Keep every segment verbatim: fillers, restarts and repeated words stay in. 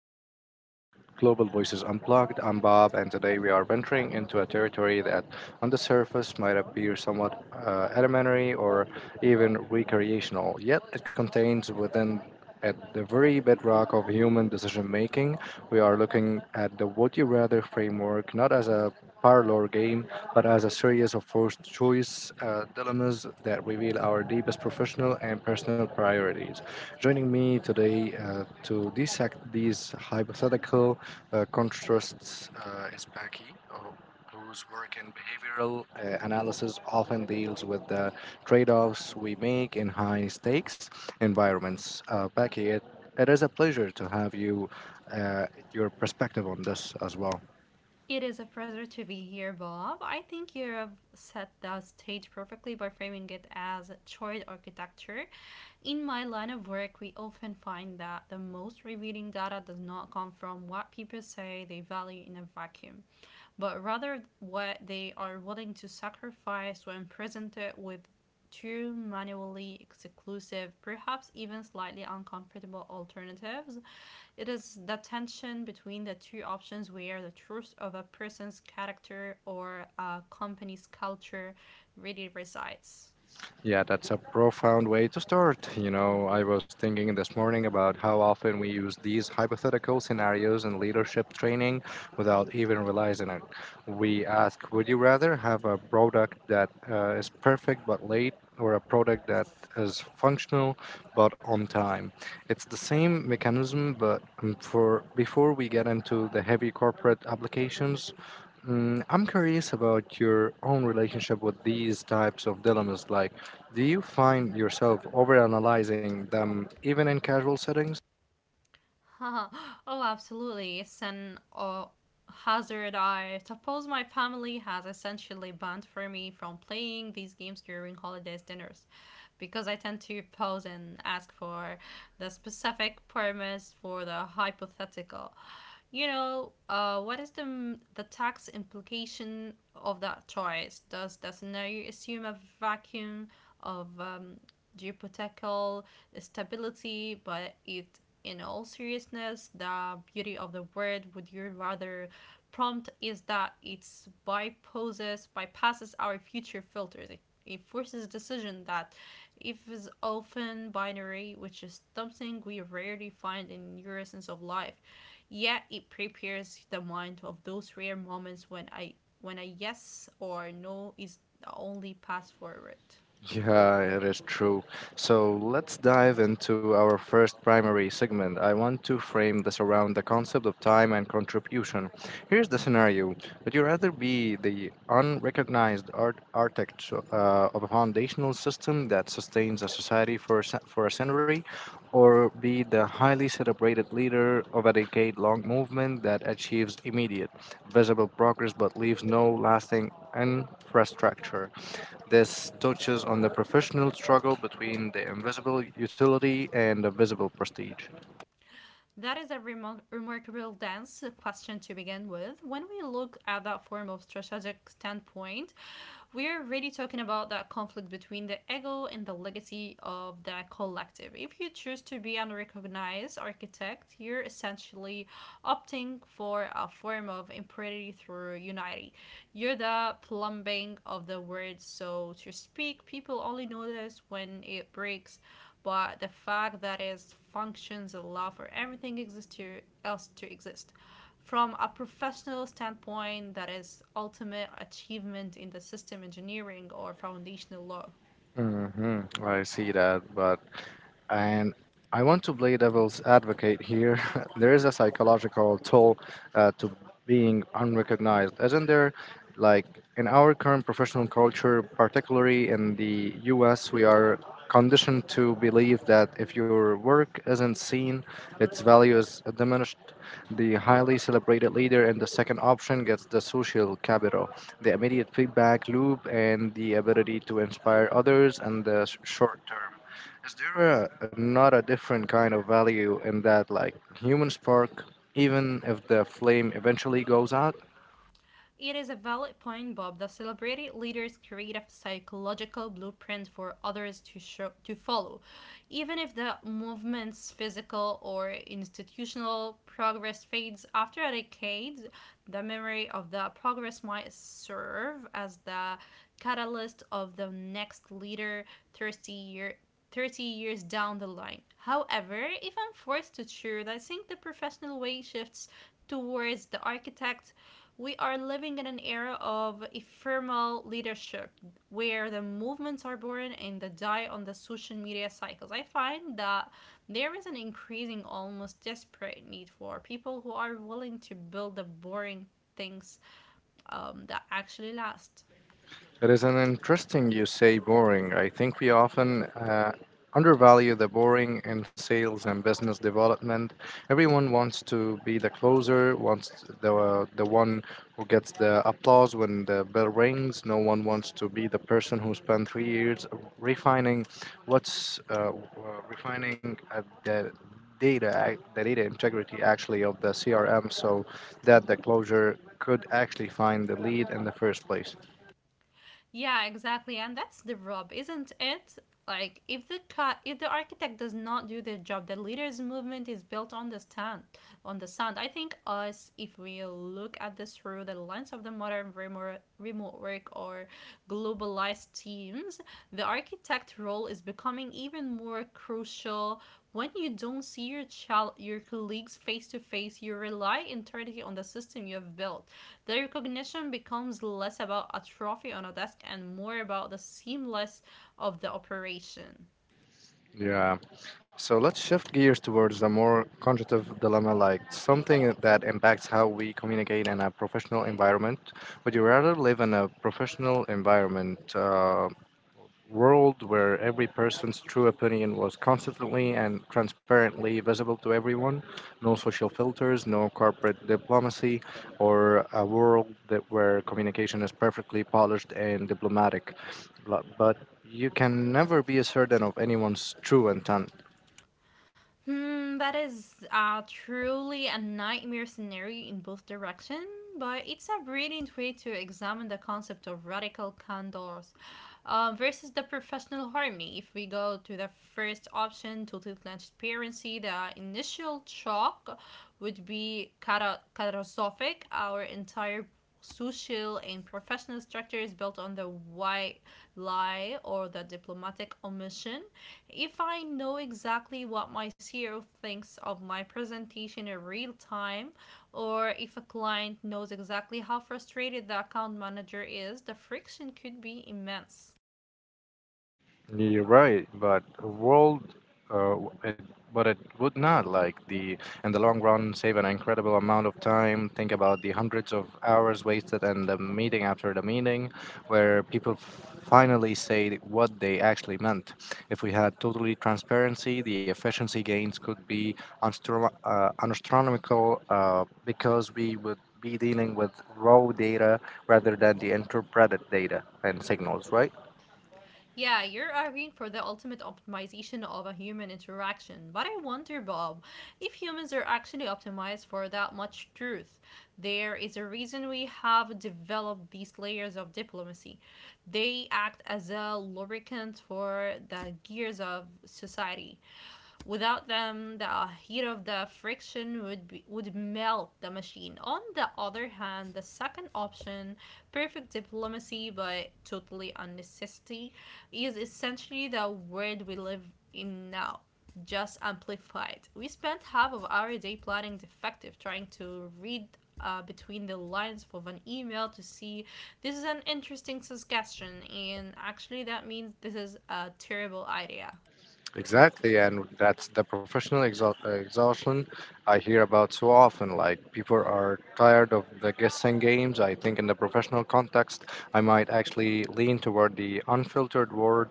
uh, Global Voices Unplugged. I'm Bob, and today we are venturing into a territory that, on the surface, might appear somewhat uh, elementary or even recreational, yet it contains within at the very bedrock of human decision making. We are looking at the Would You Rather framework, not as a parlor game, but as a series of forced choice uh, dilemmas that reveal our deepest professional and personal priorities. Joining me today uh, to dissect these hypothetical uh, contrasts uh, is Becky, who- whose work in behavioral uh, analysis often deals with the trade offs we make in high stakes environments. Uh, Becky, it, it is a pleasure to have you, uh, your perspective on this as well. It is a pleasure to be here, Bob. I think you have set the stage perfectly by framing it as choice architecture. In my line of work, we often find that the most revealing data does not come from what people say they value in a vacuum, but rather what they are willing to sacrifice when presented with two manually exclusive, perhaps even slightly uncomfortable alternatives. It is the tension between the two options where the truth of a person's character or a company's culture really resides. Yeah, that's a profound way to start. You know, I was thinking this morning about how often we use these hypothetical scenarios in leadership training without even realizing it. We ask, would you rather have a product that uh, is perfect but late, or a product that is functional but on time? It's the same mechanism, but um, for before we get into the heavy corporate applications, mm, I'm curious about your own relationship with these types of dilemmas. Like, do you find yourself overanalyzing them even in casual settings? Oh, absolutely. It's an uh, hazard. I suppose my family has essentially banned for me from playing these games during holidays dinners because I tend to pose and ask for the specific premise for the hypothetical. You know, uh, what is the m- the tax implication of that choice? Does the scenario assume a vacuum of um, geopolitical stability, but it, in all seriousness, the beauty of the word would you rather prompt is that it's bypasses bypasses our future filters. It forces decision that if is often binary, which is something we rarely find in your essence of life. Yet it prepares the mind of those rare moments when I when a yes or no is the only path forward. Yeah, it is true. So let's dive into our first primary segment. I want to frame this around the concept of time and contribution. Here's the scenario. Would you rather be the unrecognized art- architect uh, of a foundational system that sustains a society for a, cen- for a century, or be the highly celebrated leader of a decade long movement that achieves immediate, visible progress but leaves no lasting infrastructure? This touches on the professional struggle between the invisible utility and the visible prestige. That is a remar- remarkable dance question to begin with. When we look at that form of strategic standpoint, we're really talking about that conflict between the ego and the legacy of the collective. If you choose to be an recognized architect, you're essentially opting for a form of impurity through unity. You're the plumbing of the word, so to speak. People only notice when it breaks, but the fact that is functions allow for everything exists to, else to exist. From a professional standpoint, that is ultimate achievement in the system engineering or foundational law. hmm I see that, but and I want to play devil's advocate here. There is a psychological toll uh, to being unrecognized, isn't there? Like, in our current professional culture, particularly in the U S, we are conditioned to believe that if your work isn't seen, its value is diminished. The highly celebrated leader in the second option gets the social capital, the immediate feedback loop, and the ability to inspire others in the s- short term. Is there a, not a different kind of value in that, like human spark, even if the flame eventually goes out? It is a valid point, Bob. The celebrated leaders create a psychological blueprint for others to show, to follow, even if the movement's physical or institutional progress fades after a decade. The memory of the progress might serve as the catalyst of the next leader thirty year 30 years down the line. However, if I'm forced to choose, I think the professional way shifts towards the architect. We are living in an era of ephemeral leadership where the movements are born and they die on the social media cycles. I find that there is an increasing, almost desperate need for people who are willing to build the boring things um, that actually last. It is an interesting you say boring. I think we often uh, undervalue the boring in sales and business development. Everyone wants to be the closer, wants the the one who gets the applause when the bell rings. No one wants to be the person who spent three years refining what's uh, w- uh, refining uh, the data ac- the data integrity actually of the C R M, so that the closure could actually find the lead in the first place. Yeah, exactly. And that's the rub, isn't it? Like if the ca- if the architect does not do their job, the leaders movement is built on the stand on the sand. I think us if we look at this through the lens of the modern remote remote work or globalized teams, the architect role is becoming even more crucial when you don't see your child, your colleagues face to face, you rely entirely on the system you have built. The recognition becomes less about a trophy on a desk and more about the seamless of the operation. Yeah. So let's shift gears towards a more cognitive dilemma, like something that impacts how we communicate in a professional environment. Would you rather live in a professional environment? Uh, world where every person's true opinion was constantly and transparently visible to everyone. No social filters, no corporate diplomacy, or a world that where communication is perfectly polished and diplomatic. Lo- But you can never be certain of anyone's true intent. Hmm, that is uh, truly a nightmare scenario in both directions, but it's a brilliant way to examine the concept of radical candors uh, versus the professional harmony. If we go to the first option, total transparency, the initial shock would be cata- catastrophic. Our entire social and professional structure is built on the white lie or the diplomatic omission. If I know exactly what my C E O thinks of my presentation in real time, or if a client knows exactly how frustrated the account manager is, the friction could be immense. You're right, but a world, uh, w- it, but it would not, like, the in the long run save an incredible amount of time. Think about the hundreds of hours wasted and the meeting after the meeting, where people finally say what they actually meant. If we had totally transparency, the efficiency gains could be unstrom- uh, astronomical uh, because we would be dealing with raw data rather than the interpreted data and signals, right? Yeah, you're arguing for the ultimate optimization of a human interaction. But I wonder, Bob, if humans are actually optimized for that much truth. There is a reason we have developed these layers of diplomacy. They act as a lubricant for the gears of society. Without them, the heat of the friction would be, would melt the machine. On the other hand, the second option, perfect diplomacy but totally unnecessary, is essentially the world we live in now, just amplified. We spent half of our day plotting defective, trying to read uh, between the lines of an email to see this is an interesting suggestion, and actually that means this is a terrible idea. Exactly, and that's the professional exhaust exhaustion I hear about so often. Like, people are tired of the guessing games. I think in the professional context, I might actually lean toward the unfiltered word.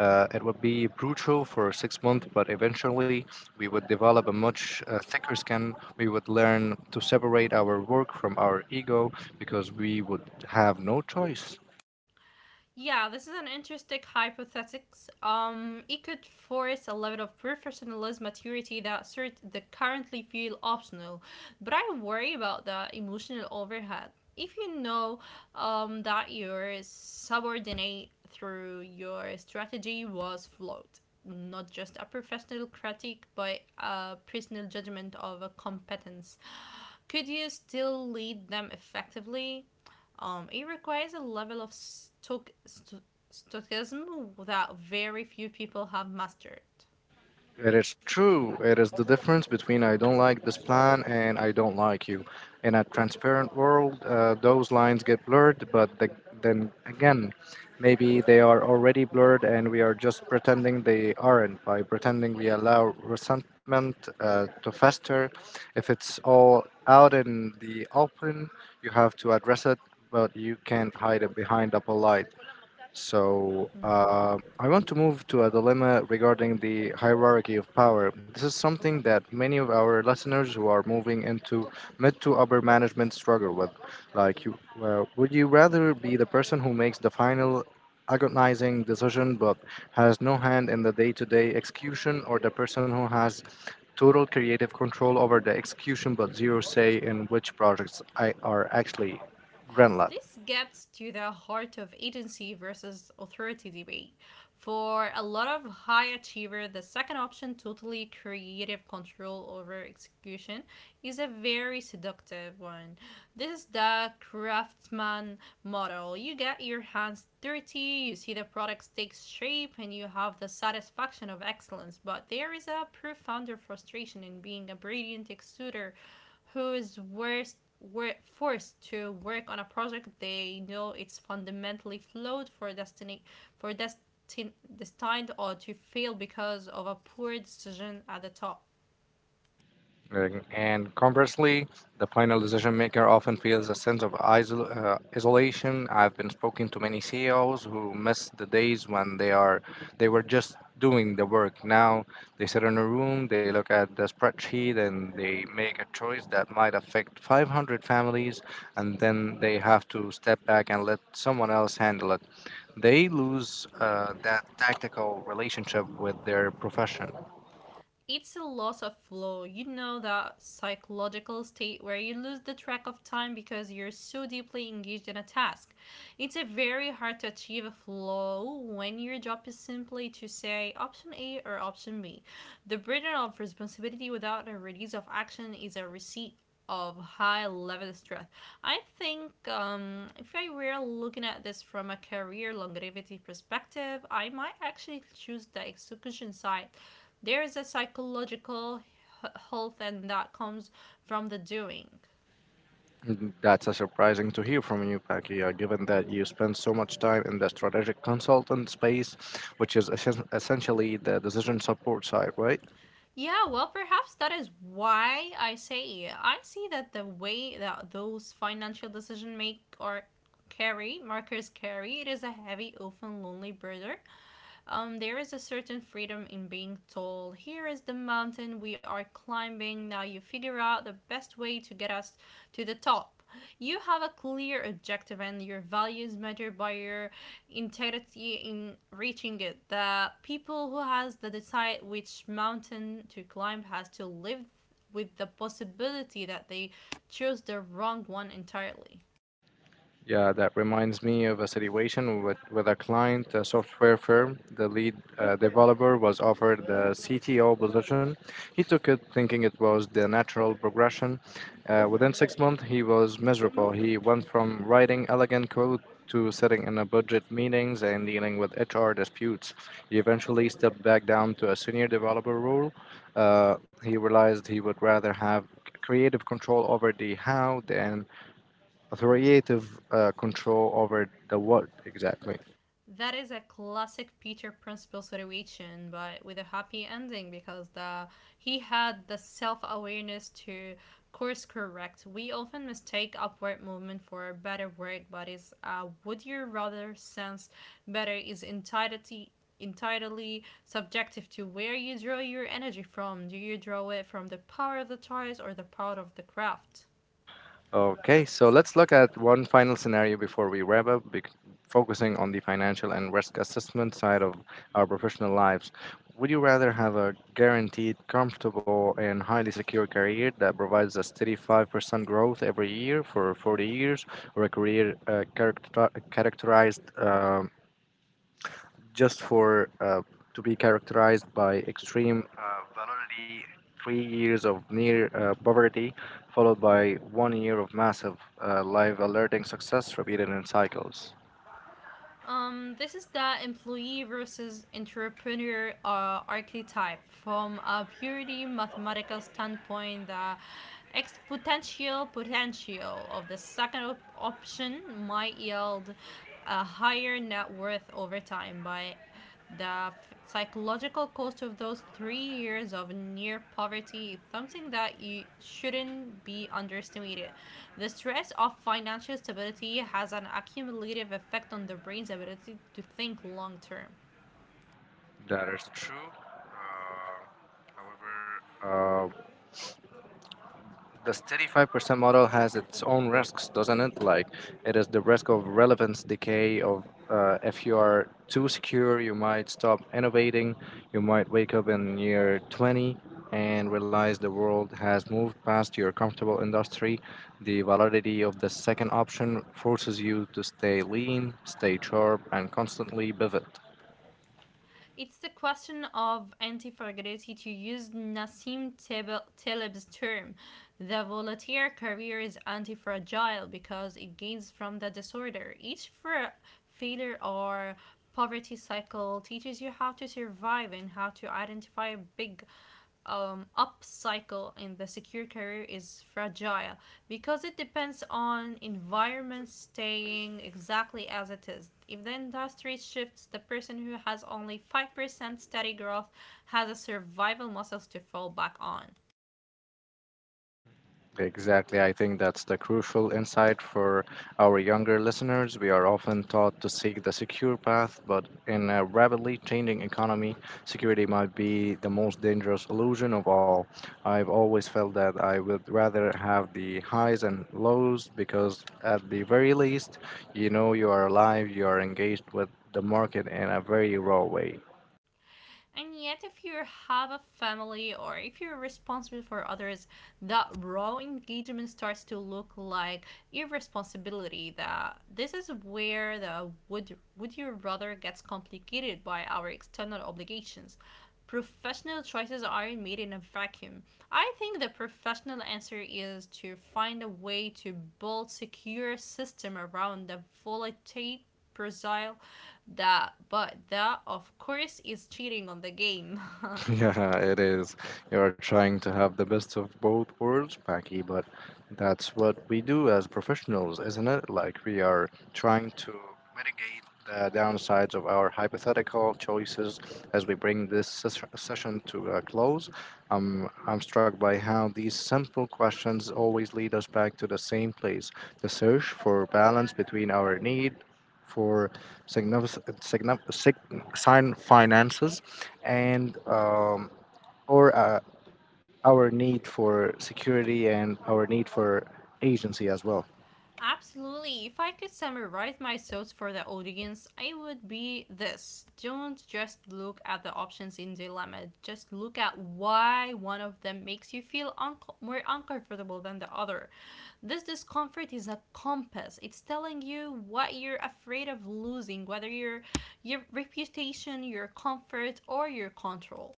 Uh, it would be brutal for six months, but eventually we would develop a much uh, thicker skin. We would learn to separate our work from our ego because we would have no choice. Yeah, this is an interesting hypothesis. Um, it could force a level of professionalism maturity that cert- that currently feel optional, but I worry about the emotional overhead. If you know um, that your subordinate through your strategy was flawed, not just a professional critique, but a personal judgment of a competence, could you still lead them effectively? Um, it requires a level of stoic- sto- stoicism st- that very few people have mastered. It is true. It is the difference between I don't like this plan and I don't like you. In a transparent world, uh, those lines get blurred, but the, then again, maybe they are already blurred and we are just pretending they aren't by pretending we allow resentment uh, to fester. If it's all out in the open, you have to address it, but you can't hide it behind a polite. So Mm-hmm. uh, I want to move to a dilemma regarding the hierarchy of power. This is something that many of our listeners who are moving into mid to upper management struggle with. Like, you, uh, would you rather be the person who makes the final agonizing decision but has no hand in the day-to-day execution, or the person who has total creative control over the execution but zero say in which projects I are actually greenlit? This gets to the heart of agency versus authority debate. For a lot of high achiever, the second option, totally creative control over execution, is a very seductive one. This is the craftsman model. You get your hands dirty, you see the product takes shape, and you have the satisfaction of excellence. But there is a profound frustration in being a brilliant executor who's worst were forced to work on a project they know it's fundamentally flawed for destiny for destin- destined or to fail because of a poor decision at the top. And and conversely, the final decision maker often feels a sense of isol- uh, isolation. I've been speaking to many C E Os who miss the days when they are they were just doing the work. Now they sit in a room, they look at the spreadsheet, and they make a choice that might affect five hundred families, and then they have to step back and let someone else handle it. They lose uh, that tactical relationship with their profession. It's a loss of flow. You know that psychological state where you lose the track of time because you're so deeply engaged in a task. It's a very hard to achieve a flow when your job is simply to say option A or option B. The burden of responsibility without a release of action is a receipt of high level stress. I think um, if I were looking at this from a career longevity perspective, I might actually choose the execution side. There is a psychological health and that comes from the doing. That's a surprising to hear from you, Pakia, given that you spend so much time in the strategic consultant space, which is essen- essentially the decision support side, right? Yeah, well, perhaps that is why I say I see that the way that those financial decision make or carry markers carry it is a heavy, often lonely burden. Um, there is a certain freedom in being told, "Here is the mountain we are climbing. Now you figure out the best way to get us to the top." Up. You have a clear objective, and your values matter by your integrity in reaching it. The people who has to decide which mountain to climb has to live with the possibility that they chose the wrong one entirely. Yeah, that reminds me of a situation with, with a client, a software firm. The lead uh, developer was offered the C T O position. He took it thinking it was the natural progression. Uh, within six months, he was miserable. He went from writing elegant code to sitting in a budget meetings and dealing with H R disputes. He eventually stepped back down to a senior developer role. Uh, he realized he would rather have creative control over the how than authoritative uh, control over the what exactly. That is a classic Peter Principle situation, but with a happy ending because the he had the self awareness to course correct. We often mistake upward movement for a better word, but it's uh, would you rather sense better is entirety entirely subjective to where you draw your energy from. Do you draw it from the power of the toys or the power of the craft? Okay, so let's look at one final scenario before we wrap up, bec- focusing on the financial and risk assessment side of our professional lives. Would you rather have a guaranteed, comfortable, and highly secure career that provides a steady five percent growth every year for forty years, or a career uh, character- characterized uh, just for uh, to be characterized by extreme uh, validity, three years of near uh, poverty, followed by one year of massive uh, live alerting success repeated in cycles. Um, this is the employee versus entrepreneur uh, archetype from a purely mathematical standpoint. The exponential potential of the second op- option might yield a higher net worth over time by the psychological cost of those three years of near poverty is something that you shouldn't be underestimated. The stress of financial stability has an accumulative effect on the brain's ability to think long term. That is true. Uh, however, uh, the thirty-five percent model has its own risks, doesn't it? Like, it is the risk of relevance decay. Of uh, If you are too secure, you might stop innovating. You might wake up in year twenty and realize the world has moved past your comfortable industry. The validity of the second option forces you to stay lean, stay sharp, and constantly pivot. It's the question of anti-fragility to use Nassim Taleb's term. The volunteer career is anti-fragile because it gains from the disorder. Each fra- failure or poverty cycle teaches you how to survive and how to identify big um, up cycle in the secure career is fragile because it depends on environment staying exactly as it is. If the industry shifts, the person who has only five percent steady growth has a survival muscles to fall back on. Exactly. I think that's the crucial insight for our younger listeners. We are often taught to seek the secure path, but in a rapidly changing economy, security might be the most dangerous illusion of all. I've always felt that I would rather have the highs and lows because, at the very least, you know you are alive, you are engaged with the market in a very raw way. And yet, if you have a family or if you're responsible for others, that raw engagement starts to look like irresponsibility. That this is where the would would you rather gets complicated by our external obligations professional choices aren't made in a vacuum. I think the professional answer is to find a way to build secure system around the volatile pursue that, but that of course is cheating on the game. Yeah, it is. You're trying to have the best of both worlds, Mackie, but that's what we do as professionals, isn't it? Like, we are trying to mitigate the downsides of our hypothetical choices as we bring this ses- session to a close. Um, I'm struck by how these simple questions always lead us back to the same place, the search for balance between our need for significant, sign finances and um, or uh, our need for security and our need for agency as well. Absolutely. If I could summarize my thoughts for the audience, I would be this. Don't just look at the options in dilemma. Just look at why one of them makes you feel un- more uncomfortable than the other. This discomfort is a compass. It's telling you what you're afraid of losing, whether your your reputation, your comfort, or your control.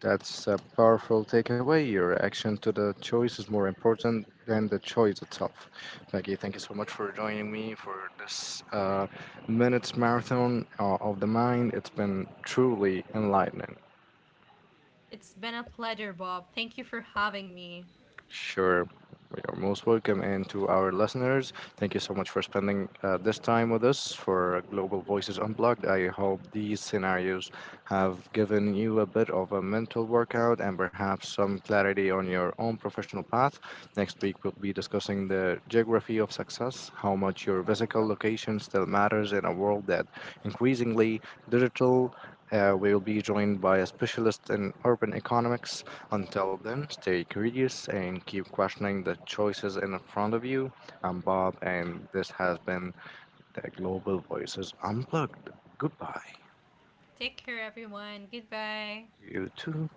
That's a powerful takeaway. Your action to the choice is more important than the choice itself. Maggie, thank you so much for joining me for this uh, minutes marathon uh, of the mind. It's been truly enlightening. It's been a pleasure, Bob. Thank you for having me. Sure. We are most welcome. And to our listeners, thank you so much for spending uh, this time with us for Global Voices Unplugged. I hope these scenarios have given you a bit of a mental workout and perhaps some clarity on your own professional path. Next week, we'll be discussing the geography of success, how much your physical location still matters in a world that increasingly digital. Uh, we will be joined by a specialist in urban economics until then, stay curious and keep questioning the choices in front of you. I'm Bob, and this has been the Global Voices Unplugged. Goodbye. Take care, everyone. Goodbye. You too.